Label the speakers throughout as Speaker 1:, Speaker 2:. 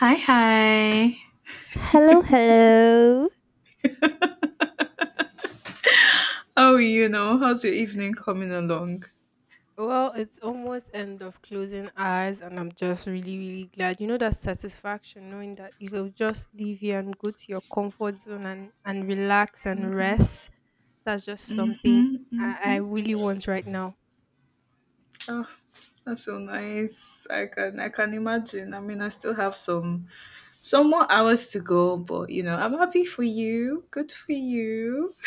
Speaker 1: Hi, hi.
Speaker 2: Hello, hello.
Speaker 1: How are you now? How's your evening coming along? Mm-hmm. Mm-hmm. Mm-hmm. Oh, that's so nice. I can imagine. I mean, I still have some more hours to go, but you know, I'm happy for you. Good for you.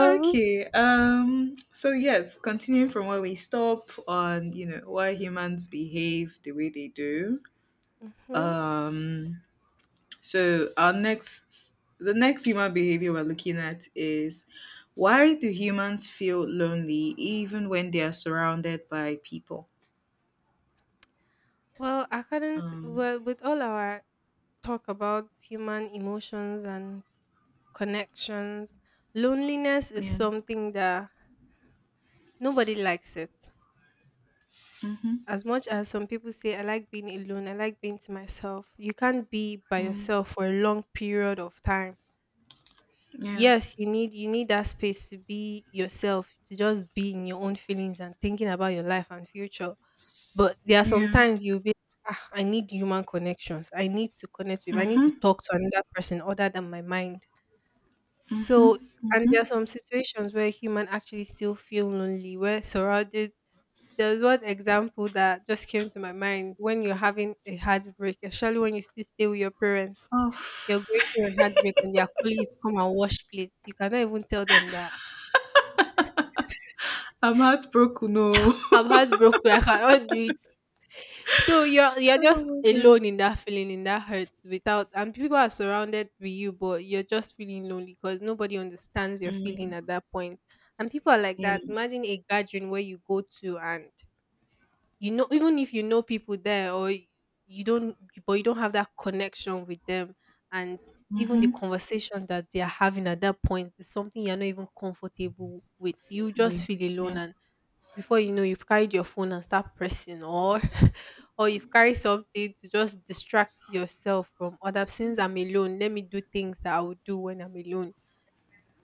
Speaker 1: Okay. So yes, continuing from where we stop on, you know, why humans behave the way they do. Um So our next the next human behavior we're looking at is why do humans feel lonely even when they are surrounded by people? Um yeah. Mm-hmm. Mm, yeah. Yeah. Mm-hmm. Mm-hmm. Mm-hmm. Oh. I'm heartbroken. No. Oh my god. Mm, yeah. Mm-hmm. Wait. Yeah.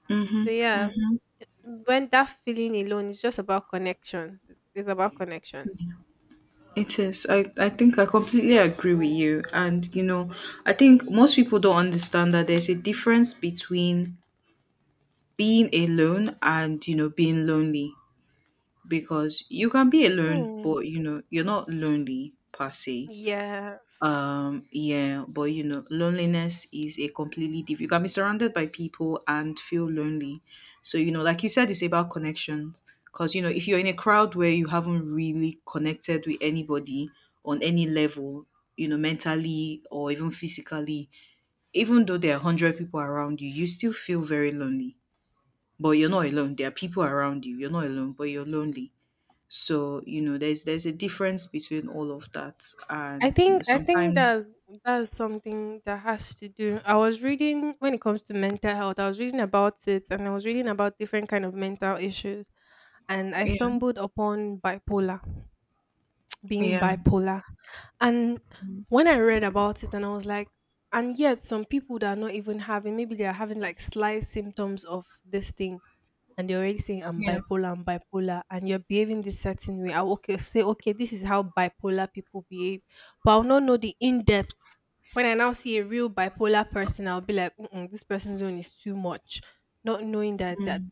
Speaker 1: Mm-hmm. Mm-hmm. It is. I think I completely agree with you. And, you know, I think most people don't understand that there's a difference between being alone and, you know, being lonely, because you can be alone, but, you know, you're not lonely per se. Yeah, but you know, loneliness is a completely different. You can be surrounded by people and feel lonely. So, you know, like you said, it's about connections. Because, you know, if you're in a crowd where you haven't really connected with anybody on any level, you know, mentally or even physically, even though there are 100 people around you, you still feel very lonely. But you're not alone. There are people around you. You're not alone, but you're lonely. So, you know, there's a difference between all of that, and, you know, sometimes yeah. Yeah, yeah, mm.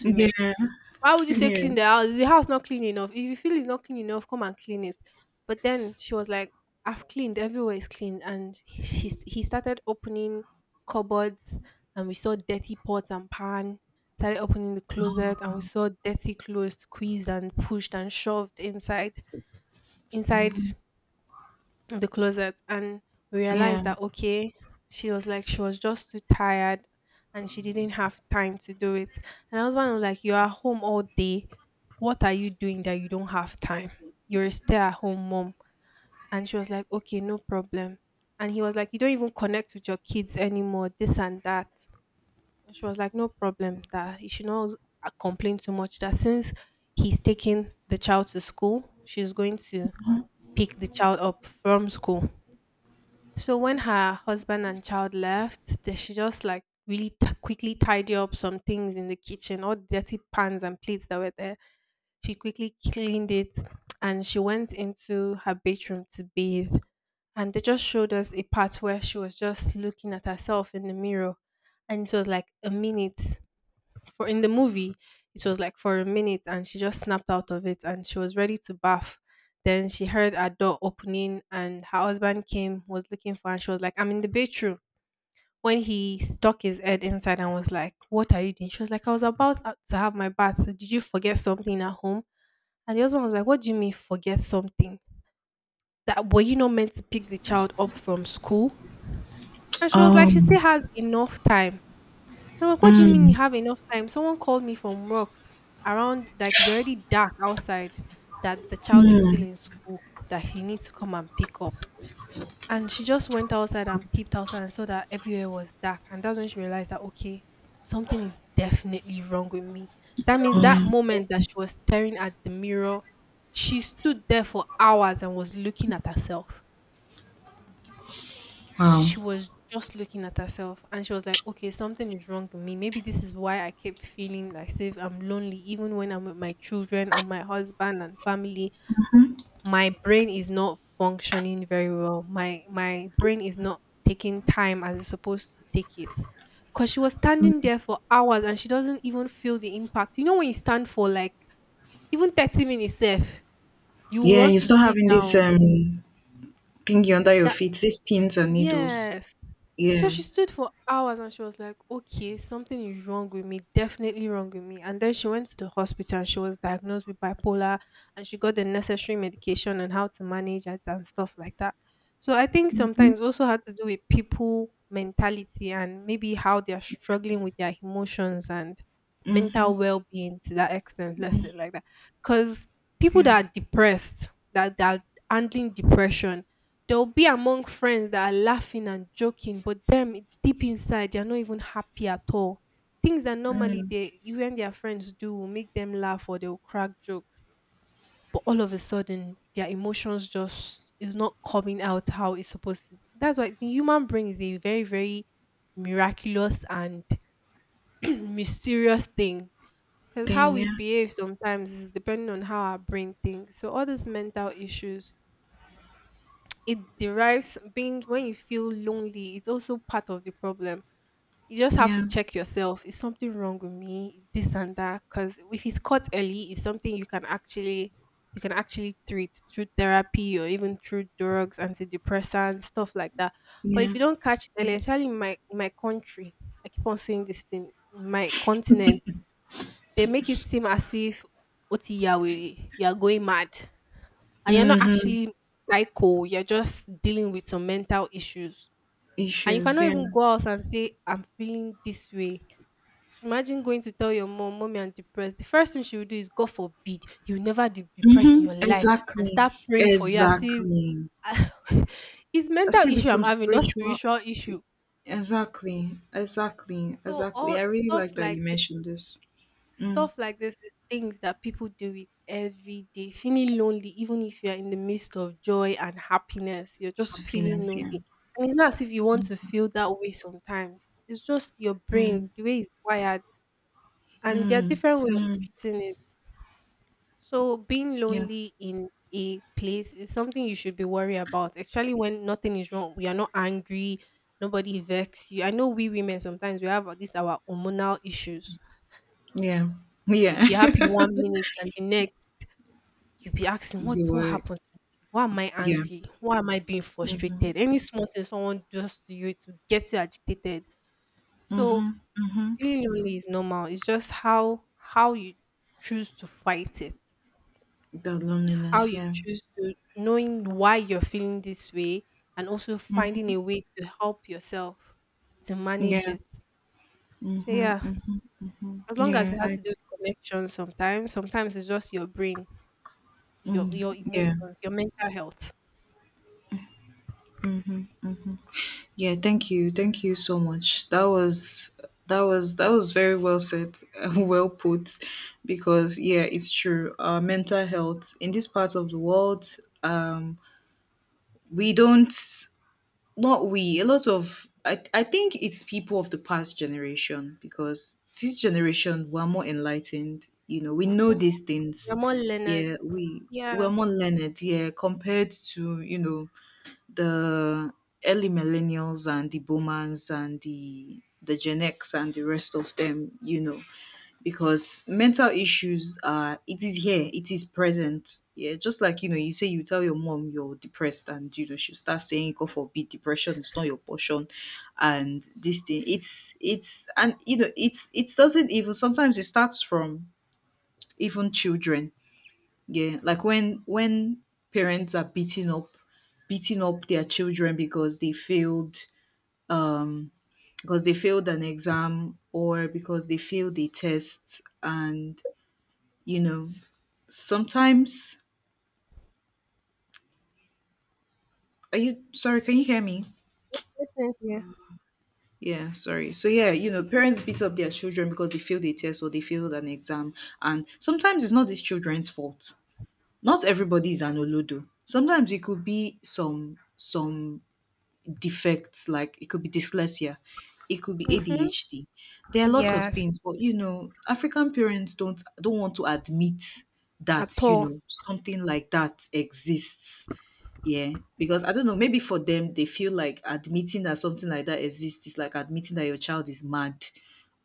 Speaker 1: Yeah, yeah, yeah. Um, mm, mm. Wow. Yeah, you're still having this thingy under your feet, these pins and needles. Yeah. Mm-hmm. Mm-hmm. Yeah. Mm. Then yeah, yeah, yeah. Mm-hmm. Issues, yeah. Mm-hmm. Exactly. Exactly. I see there's some spiritual, exactly. Exactly. Exactly. I really like that you mentioned this. Mm. Happiness, yeah. Mm, mm, mm, yeah, yeah, yeah. Your, yeah. Mm-hmm, mm-hmm, mm-hmm. The loneliness, yeah. Mm, yeah, mm-hmm, mm-hmm. Yeah, I, mm, yeah, yeah. Thank you so much. That was very well said, well put, because yeah, it's true. Our mental health in this part of the world, um, we don't. Not we, a lot of I think it's people of the past generation, because this generation were more enlightened, you know, we know these things. Yeah, we, we're more learned, yeah, compared to, you know, the early millennials and the boomers and the Gen X and the rest of them, you know, because mental issues are, it is here, it is present, yeah. Just like, you know, you say, you tell your mom you're depressed, and you know she'll start saying god forbid, depression is not your portion. And this thing, it's and you know it doesn't even, sometimes it starts from even children, yeah. Like when parents are beating up their children because they failed, um because they failed an exam or because they failed a test, and you know, sometimes, are you, sorry, can you hear me? Yeah, sorry. So yeah, you know, parents beat up their children because they failed a test or they failed an exam. And sometimes it's not these children's fault. Not everybody is an olodo. Sometimes it could be some defects, like it could be dyslexia, it could be adhd. There are lots of things, but you know, african parents don't want to admit that, you know, something like that exists. Yeah, because I don't know, maybe for them, they feel like admitting that something like that exists is like admitting that your child is mad,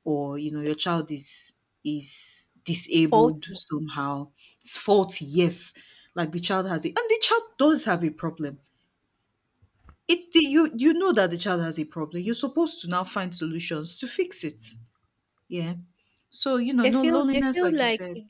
Speaker 1: or, you know, your child is disabled somehow. It's faulty, yes. Like the child has it. And the child does have a problem. You know that the child has a problem. You're supposed to now find solutions to fix it. Yeah. So, you know, no loneliness, like you said.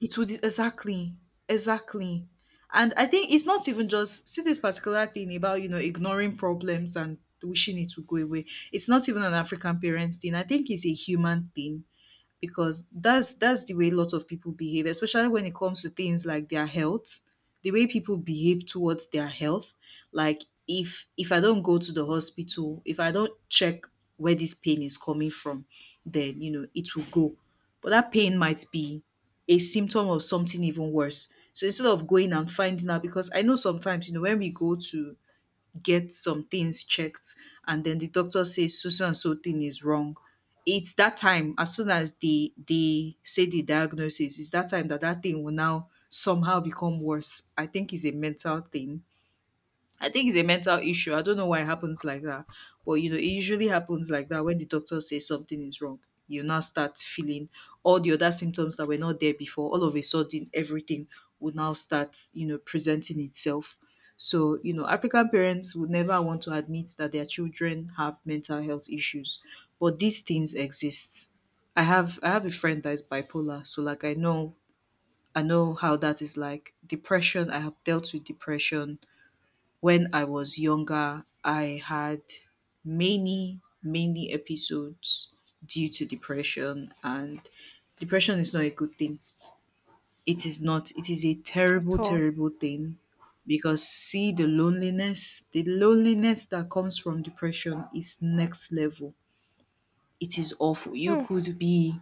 Speaker 1: It would, exactly. Exactly. And I think it's not even just, see this particular thing about, you know, ignoring problems and wishing it would go away, it's not even an african parent thing, I think it's a human thing. Because that's the way a lot of people behave, especially when it comes to things like their health, the way people behave towards their health. Like if I don't go to the hospital, if I don't check where this pain is coming from, then you know it will go. But that pain might be a symptom of something even worse. So instead of going and finding out, because I know sometimes, you know, when we go to get some things checked, and then the doctor says so so and so thing is wrong, it's that time, as soon as they say the diagnosis, it's that time that that thing will now somehow become worse. I think it's a mental thing. I think it's a mental issue. I don't know why it happens like that. But you know, it usually happens like that when the doctor says something is wrong. You now start feeling all the other symptoms that were not there before. All of a sudden, everything would now start, you know, presenting itself. So, you know, African parents would never want to admit that their children have mental health issues. But these things exist. I have a friend that is bipolar, so like I know, I know how that is like. Depression, I have dealt with depression. When I was younger, I had many, many episodes due to depression, and depression is not a good thing. It is not, it is a terrible, terrible thing, because see the loneliness that comes from depression is next level. It is awful. You could be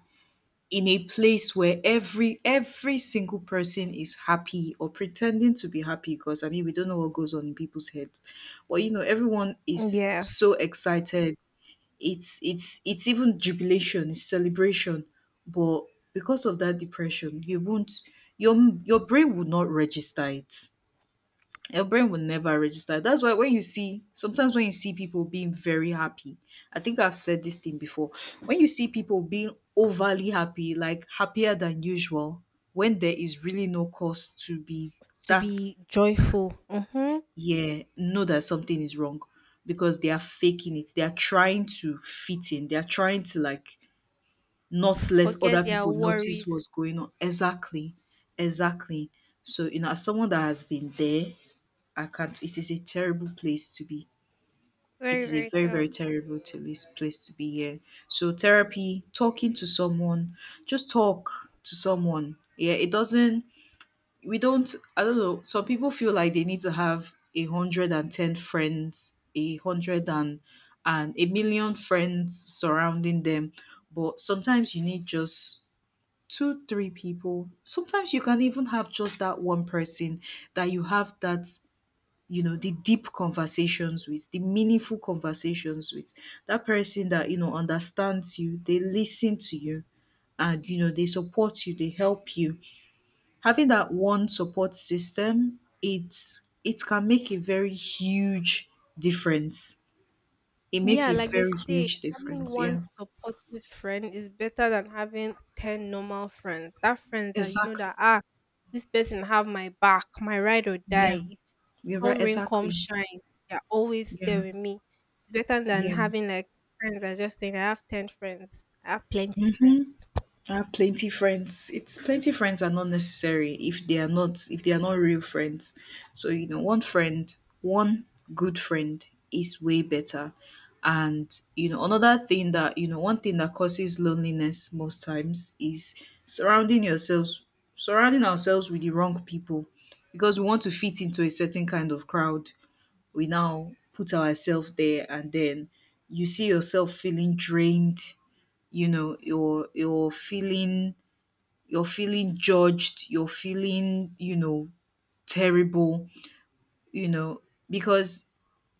Speaker 1: in a place where every single person is happy or pretending to be happy, because I mean we don't know what goes on in people's heads. But you know, everyone is so excited, it's even jubilation, it's celebration. But because of that depression, you won't, your your brain would not register it, your brain will never register. That's why when you see, sometimes when you see people being very happy, I think I've said this thing before. When you see people being overly happy, like happier than usual, when there is really no cause to be that, yeah, know that something is wrong, because they are faking it. They are trying to fit in. They are trying to like not let other people notice what's going on. Exactly. Exactly. So, you know, as someone that has been there, I can't. It is a terrible place to be. It is a very, very terrible to this place to be here. So therapy, talking to someone, just talk to someone. Yeah, it doesn't. We don't. I don't know. Some people feel like they need to have 110 friends, a hundred and a million friends surrounding them. But sometimes you need just two, three people. Sometimes you can even have just that one person that you have, that you know, the deep conversations with, the meaningful conversations with, that person that you know understands you, they listen to you, and you know, they support you, they help you. Having that one support system, it's, it can make a very huge difference. It makes a very huge difference, yeah. Exactly. Yeah. You're right, exactly. Yeah. Yeah. Hmm. I have plenty friends. It's, plenty friends are not necessary if they are not, if they are not real friends. So you know, one friend, one good friend is way better. And you know, another thing that, you know, one thing that causes loneliness most times is surrounding yourselves surrounding ourselves with the wrong people, because we want to fit into a certain kind of crowd. We now put ourselves there, and then you see yourself feeling drained, you know, you're feeling, you're feeling judged, you're feeling, you know, terrible, you know, because,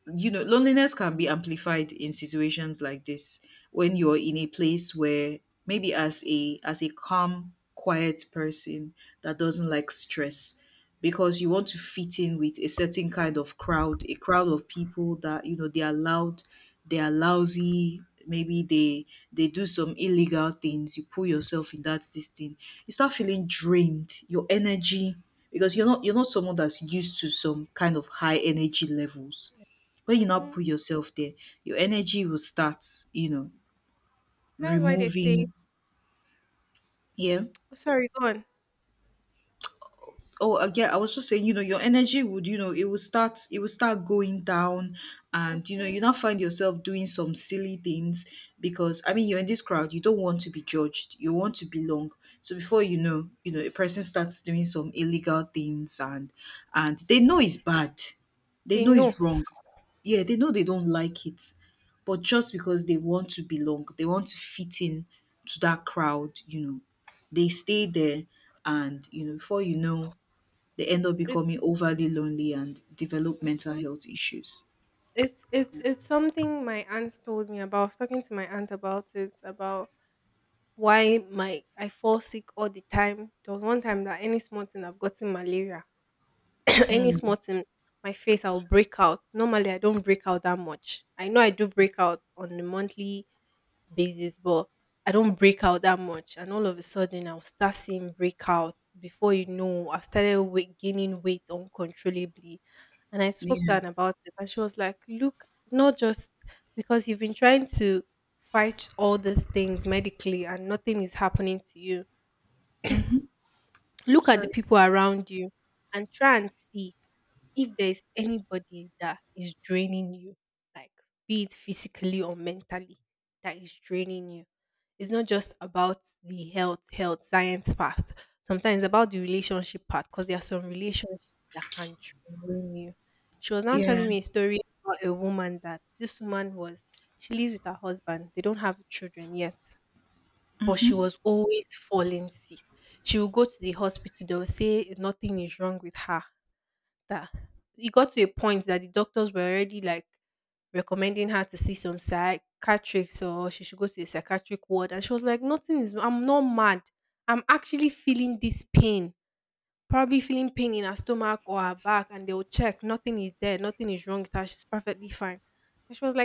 Speaker 1: you know, loneliness can be amplified in situations like this. When you're in a place where maybe as a calm quiet person that doesn't like stress, because you want to fit in with a certain kind of crowd, a crowd of people that you know they are loud, they are lousy, maybe they do some illegal things, you pull yourself in that this thing, you start feeling drained, your energy, because you're not someone that's used to some kind of high energy levels. When you now put yourself there, your energy will start, you know, removing. Yeah. Oh yeah, I was just saying, you know, your energy would, you know, it will start, it will start going down. And you know, you now find yourself doing some silly things because I mean, you're in this crowd, you don't want to be judged, you want to belong. So before you know, you know, a person starts doing some illegal things. And And they know it's bad, they know it's wrong. Yeah, they know, they don't like it. But just because they want to belong, they want to fit in to that crowd, you know, they stay there. And you know, before you know, they end up becoming overly lonely and develop mental health issues. Mm. Yeah. Mm-hmm. Sorry. Yeah.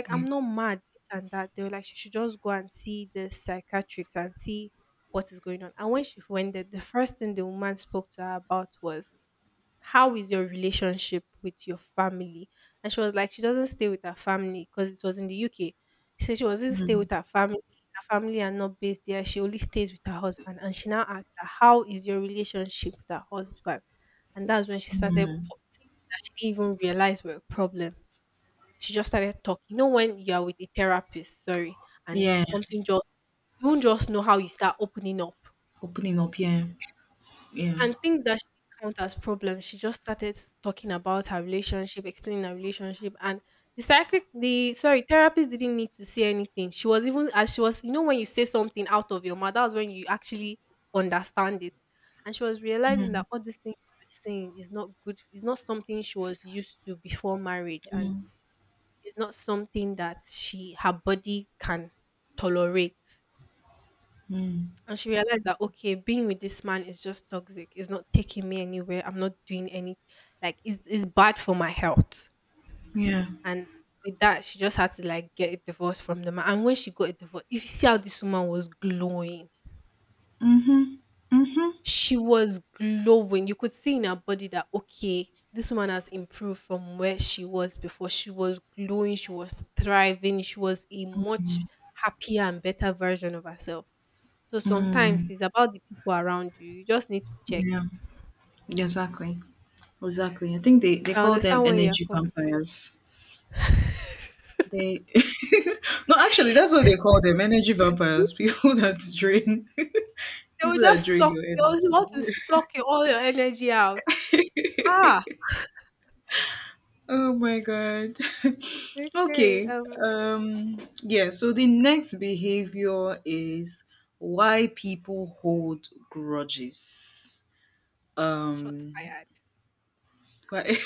Speaker 1: Yeah. Mm. Mm. Yeah. Opening up. Yeah. Yeah. Mm. Mm. Mm. Yeah. Mm-hmm. Mm-hmm. Mm. Yeah. Exactly. Exactly. I think they call them energy vampires. They no, actually, that's what they call them, energy vampires. People that drain, people that drain your energy. Oh my god. okay. Yeah, so the next behavior is why people hold grudges. Um why?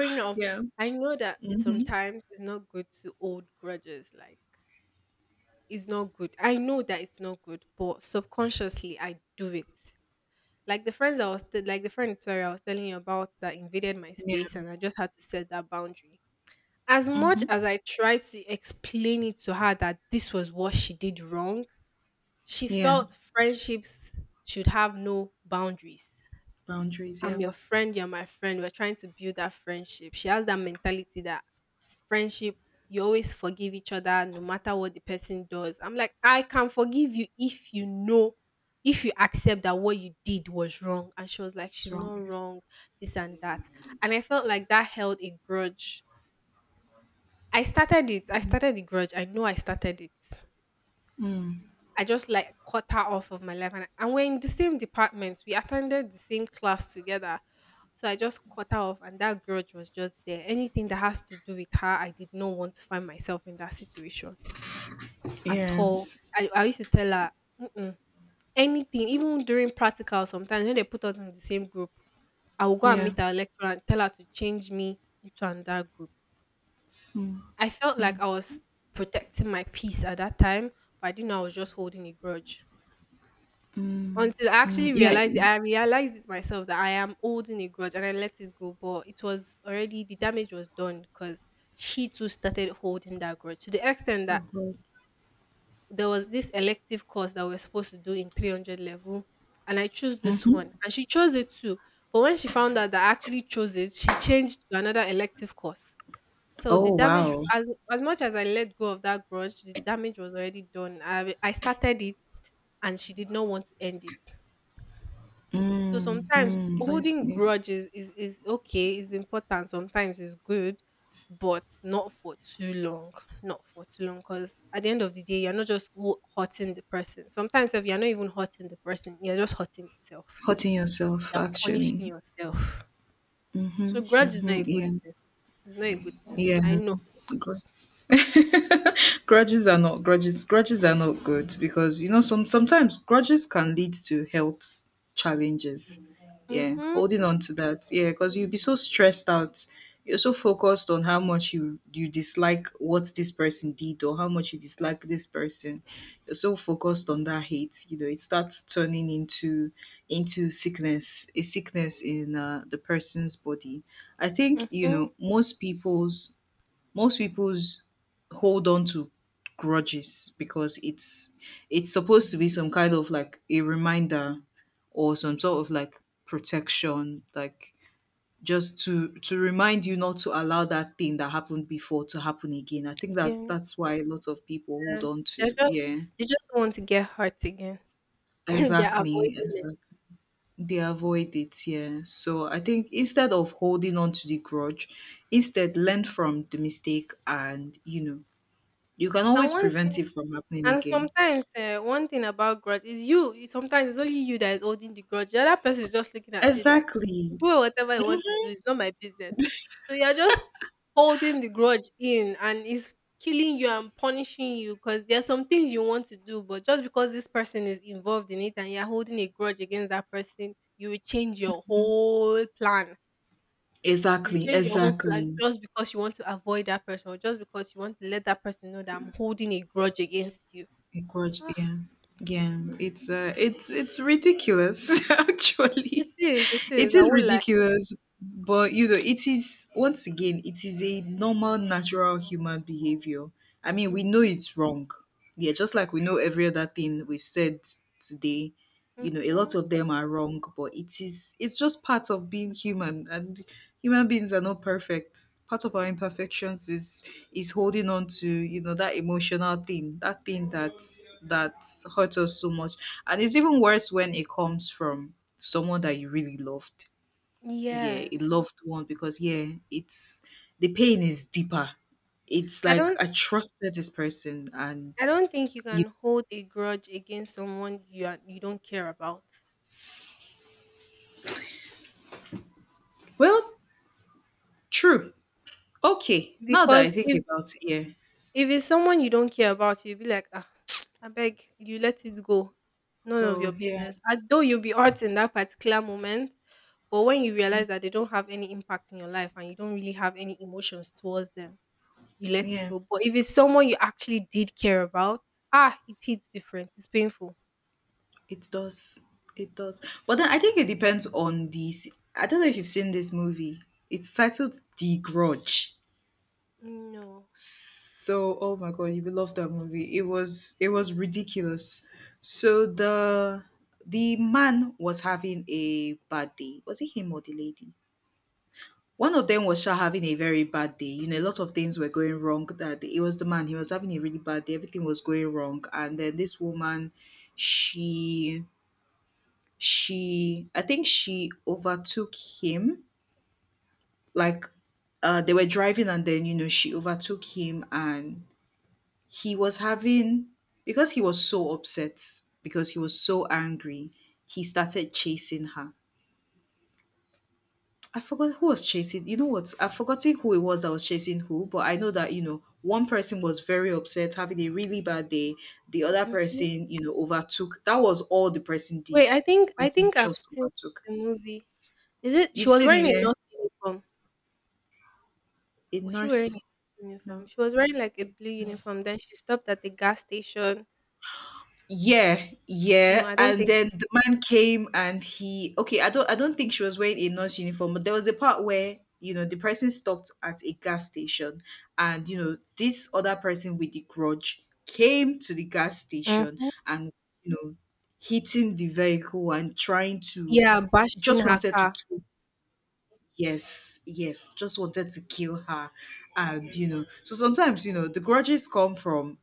Speaker 1: yeah. Mhm. Yeah. Mhm. Yeah. Boundaries, yeah. What's wrong? Mm. Yeah. Yeah. Mm. Mm. Yeah. Of course. Mhm. Oh wow. Mm. Mm. I see. Hurting yourself actually. Mm-hmm, mm-hmm, yeah. Yeah. Gr- Grudges are not grudges. Grudges are not good because you know, sometimes grudges can lead to health challenges. Yeah, holding on to that. Yeah, because you'll be so stressed out. You're so focused on how much you dislike what this person did, or how much you dislike this person. You're so focused on that hate. You know, it starts turning into sickness, a sickness in the person's body. I think you know, most people's hold on to grudges because it's supposed to be some kind of like a reminder, or some sort of like protection, like just to remind you not to allow that thing that happened before to happen again. I think that's why a lot of people hold on to. Yeah, exactly, exactly, they avoid it. Yeah, so I think instead of holding on to the grudge, instead learn from the mistake, and you know, you can always prevent it from happening again. Exactly. Exactly. Exactly. A grudge. Yeah. Yeah. It's ridiculous actually. It is ridiculous. But you know, it is, once again, it is a normal natural human behavior. I mean, we know it's wrong. Yeah, just like we know every other thing we've said today. You know, a lot of them are wrong, but it is, it's just part of being human. And human beings are not perfect. Part of our imperfections is holding on to, you know, that emotional thing, that thing that hurts us so much. And it's even worse when it comes from someone that you really loved. Yeah, a loved one, because yeah, it's the pain is deeper. It's like, I trusted this person, and you, well, true. Okay, now that I think about it, yeah. Go, yeah, yeah, it does, it does. But then I think it depends on these. I don't know if you've seen this movie. It's titled The Grudge. So, oh my god, you will love that movie. It was ridiculous. So the man was having a bad day. Was it him or the lady? One of them was sure having a very bad day. You know, a lot of things were going wrong that day. It was the man. He was having a really bad day. Everything was going wrong, and then this woman, she she, I think she overtook him. Like, they were driving, and then you know, she overtook him. And he was having because he was so upset, because he was so angry, he started chasing her. I forgot who was chasing. You know what? I've forgotten who it was that was chasing who, but I know that, you know, one person was very upset, having a really bad day. The other person, you know, overtook. That was all the person did. The person just overtook. You've seen it, yeah? A nurse. No. No. Yeah, yeah. And then the man came and he, okay, I don't think she was wearing a nurse uniform, but there was a part where, you know, the person stopped at a gas station, and you know, this other person with the grudge came to the gas station, and you know, hitting the vehicle and trying to, just wanted to kill. Yes, yes, just wanted to kill her. And you know, so sometimes, you know, the grudges come from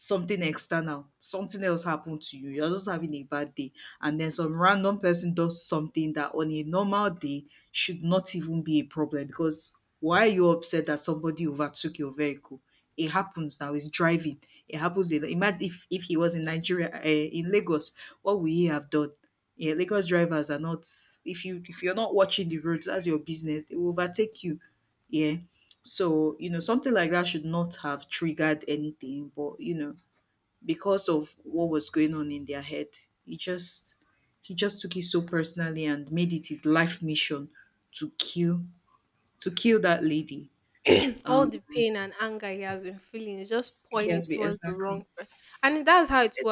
Speaker 1: something external, something else happened to you, you're just having a bad day, and then some random person does something that on a normal day should not even be a problem, because why are you upset that somebody overtook your vehicle? It happens now. It's driving. It happens. Imagine if he was in Nigeria, in Lagos, what would he have done? Yeah, Lagos drivers are not. If you're not watching the roads, that's your business. They will overtake you. Yeah. So, you know, something like that should not have triggered anything, but you know, because of what was going on in their head, he just, he just took it so personally, and made it his life mission to kill to kill that lady. Um, he has been, exactly. ex-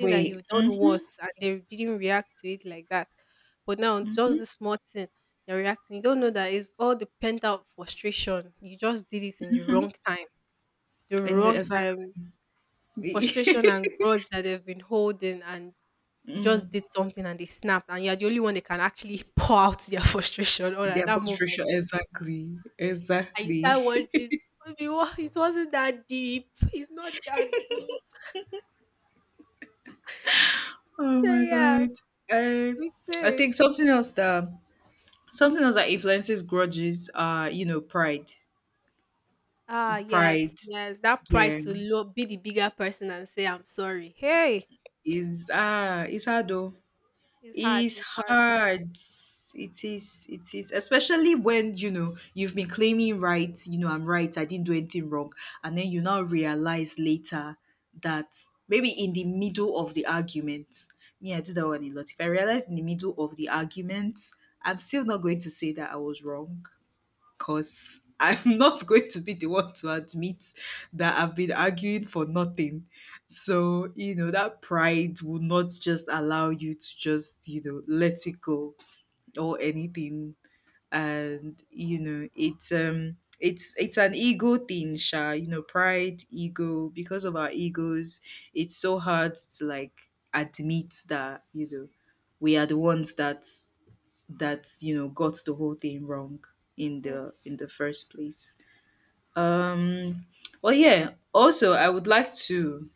Speaker 1: Wait. Mm-hmm, mm-hmm, mm-hmm. And exactly. mm. Their frustration, exactly, exactly. Oh my god. I I think something else that influences grudges are, you know, pride. Yeah. It's it's hard though. It's hard. It is. It is. Especially when you know you've been claiming right. You know, I'm right, I didn't do anything wrong, and then you now realize later that maybe in the middle of the argument, me I do that one a lot. If I realize in the middle of the argument, I'm still not going to say that I was wrong, because I'm not going to be the one to admit that I've been arguing for nothing. So, you know, that pride will not just allow you to just, you know, let it go or anything. And, you know, it's an ego thing, Sha, you know, pride, ego, because of our egos, it's so hard to like admit that, you know, we are the ones that you know, got the whole thing wrong in the first place. um well, yeah, also I would like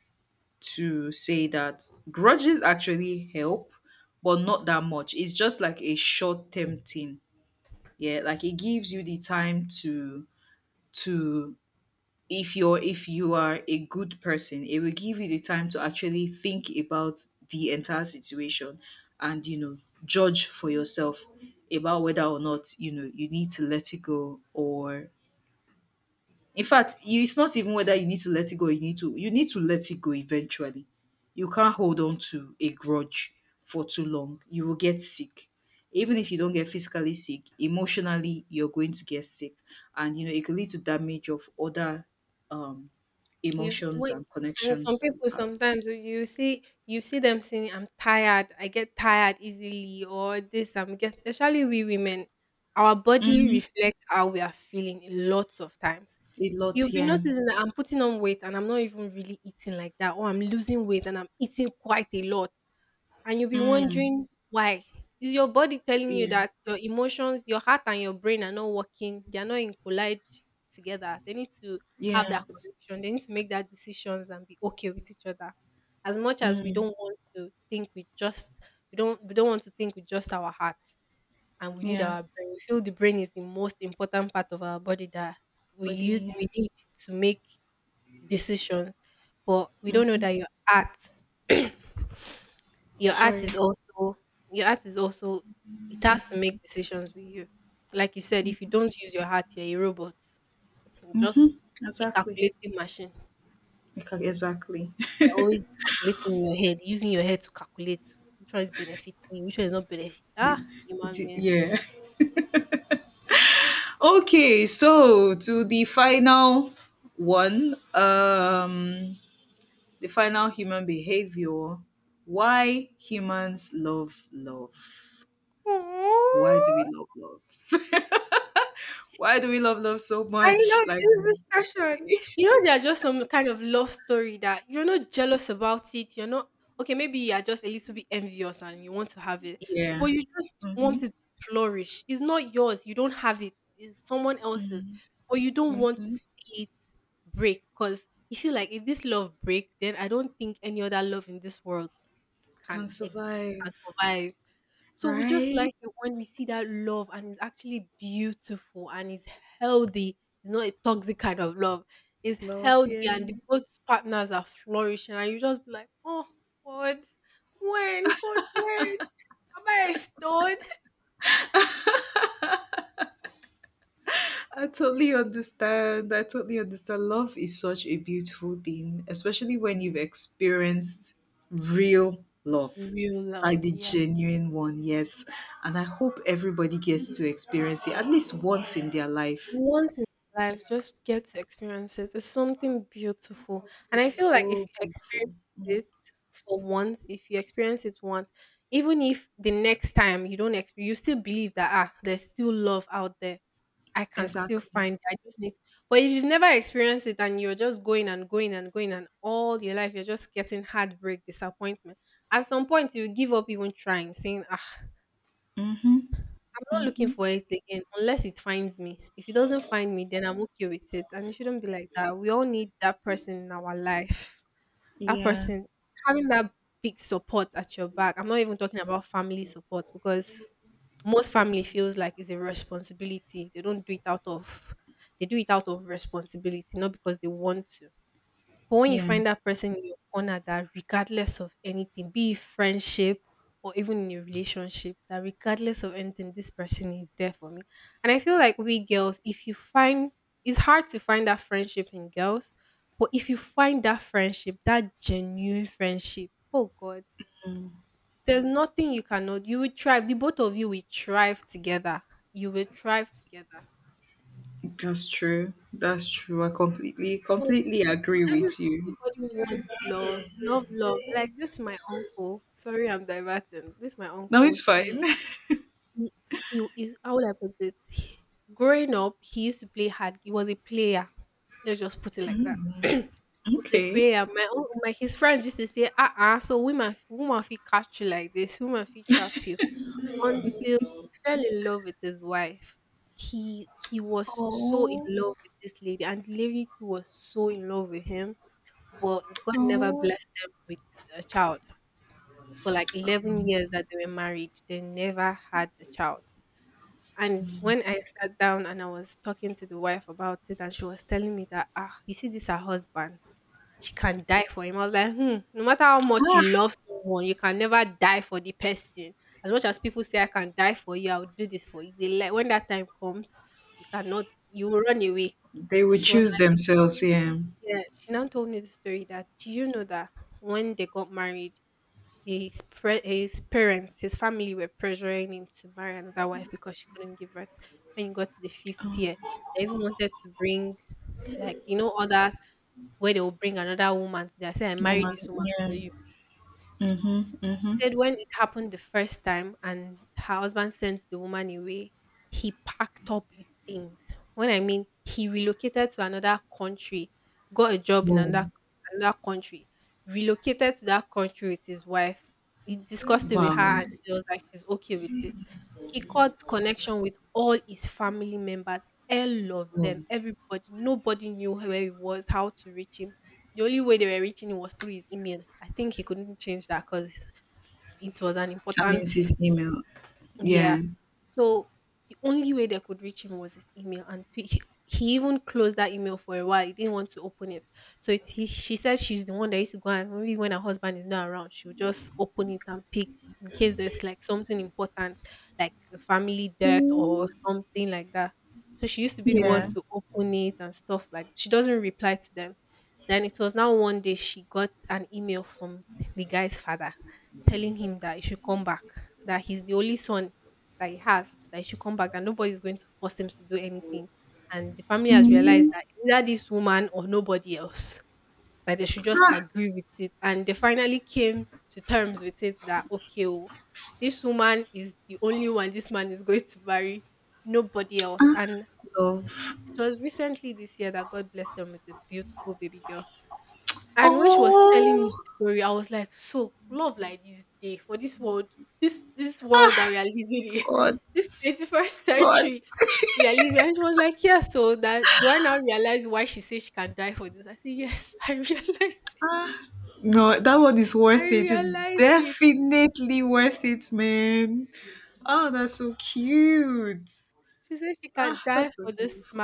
Speaker 1: to say that grudges actually help, but not that much, it's just like a short term thing. Yeah, like it gives you the time to to if you're if you are a good person, it will give you the time to actually think about the entire situation, and you know, judge for yourself about whether or not, you know, you need to let it go, or in fact, you, it's not even whether you need to let it go, you need to let it go eventually. You can't hold on to a grudge for too long. You will get sick. Even if you don't get physically sick, emotionally you're going to get sick. And you know, it could lead to damage of other um emotions and connections that you have. Mm, a lot, yeah. Mm, yeah. Yeah. Mm, yeah. But yeah. Mm. Sorry. Mm-hmm. Exactly. Exactly. It is, yeah. Okay, so to the final one, the final human behavior. Why humans love love? Why do we love love? Why do we love love so much? Like, yeah. Mm-hmm. Mm-hmm. Mm-hmm. Can survive, right? Love, yeah. I totally understand. I totally understand. Love is such a beautiful thing, especially when you've experienced real love, like the genuine one, yes. And I hope everybody gets to experience it at least once in their life. It's so beautiful. Exactly. Mm-hmm. Mm-hmm. Yeah. Yeah. That's true. That's true. I completely agree with you. No, it's fine. okay. Oh, oh. They will choose themselves, yeah. Woman, yeah. Mm-hmm. Mm-hmm. Whoa. Wow. Whoa. That means his email. Yeah. Mm, yeah. Mm. Ah, ah, love. Oh, God. God. Ah. No, that one is worth it. It's definitely worth it, man. Oh, that's so cute. Ah, that's so beautiful.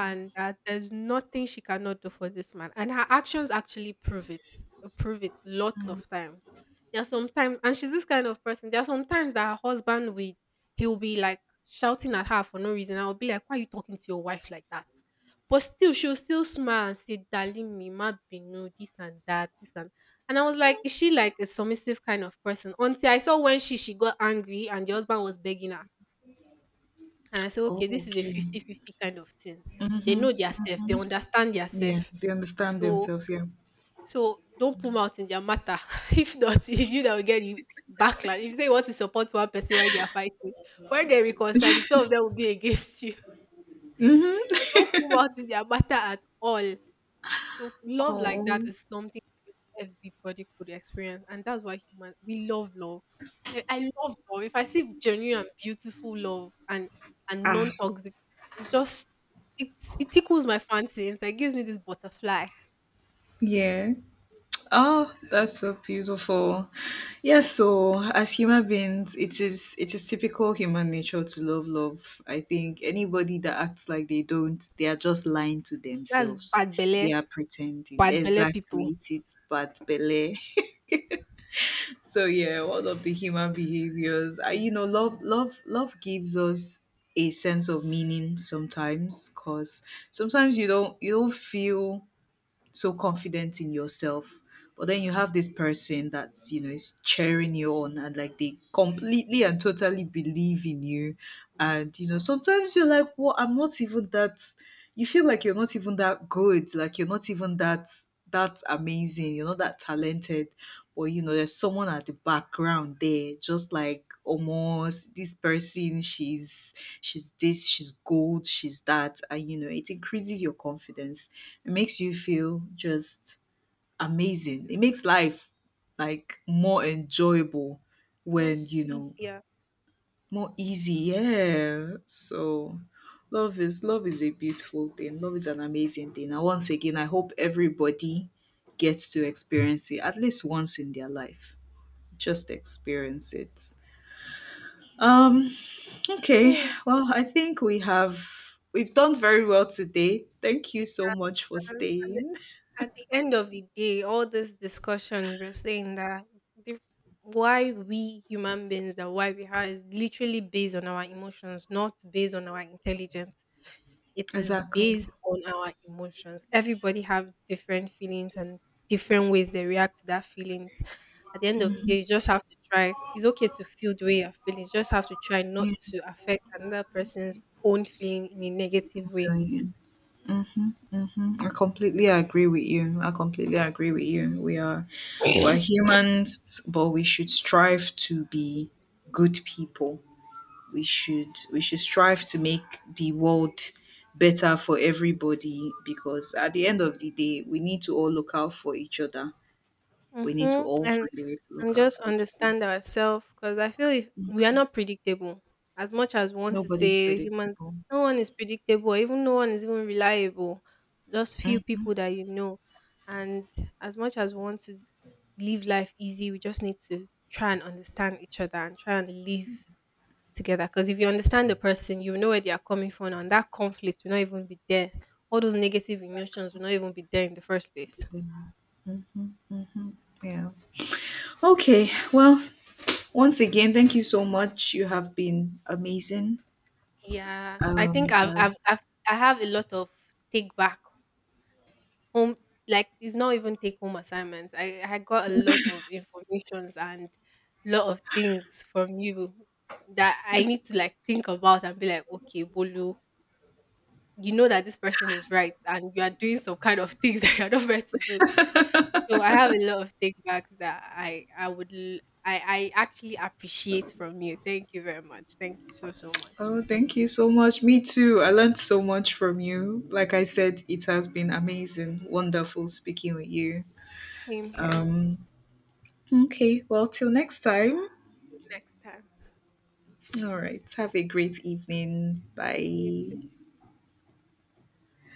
Speaker 1: Oh, okay. Mhm. Yeah, they understand themselves. Yeah. Mm-hmm. Oh. Ah. Yeah. Oh, that's so beautiful. Yeah, so as human beings, it is typical human nature to love love. I think anybody that acts like they don't, they are just lying to themselves. They are pretending. Exactly. It is bad belle. So yeah, all of the human behaviors, I, you know, love gives us a sense of meaning sometimes, because sometimes you don't feel so confident in yourself, but then you have this person that you know is cheering you on, and like they completely and totally believe in you. And you know, sometimes you're like, well, I'm not even that, you feel like you're not even that good, like you're not even that amazing, you're not that talented, or you know, there's someone at the background there, just like almost, this person, she's this, she's gold, she's that, and you know, it increases your confidence, it makes you feel just amazing. It makes life like more enjoyable, when, you know, more easy. Yeah. So love is, love is a beautiful thing. Love is an amazing thing. And once again, I hope everybody gets to experience it at least once in their life. Just experience it. Um, okay. Well, I think we've done very well today. Thank you so much for staying. Exactly. Yeah. Playing. Mhm, mhm. I completely agree with you. I completely agree with you. We're humans, but we should strive to be good people. We should strive to make the world better for everybody, because at the end of the day, we need to all look out for each other. We need to all find a way to look out for each other. Nobody's predictable. Mhm, mhm, mhm. Yeah. Okay. Well, once again, thank you so much. You have been amazing. Um, um, oh, thank you so much. Me too. I learned so much from you. Like I said, it has been amazing, wonderful speaking with you. Um, okay, well, till next time. All right, have a great evening. Bye.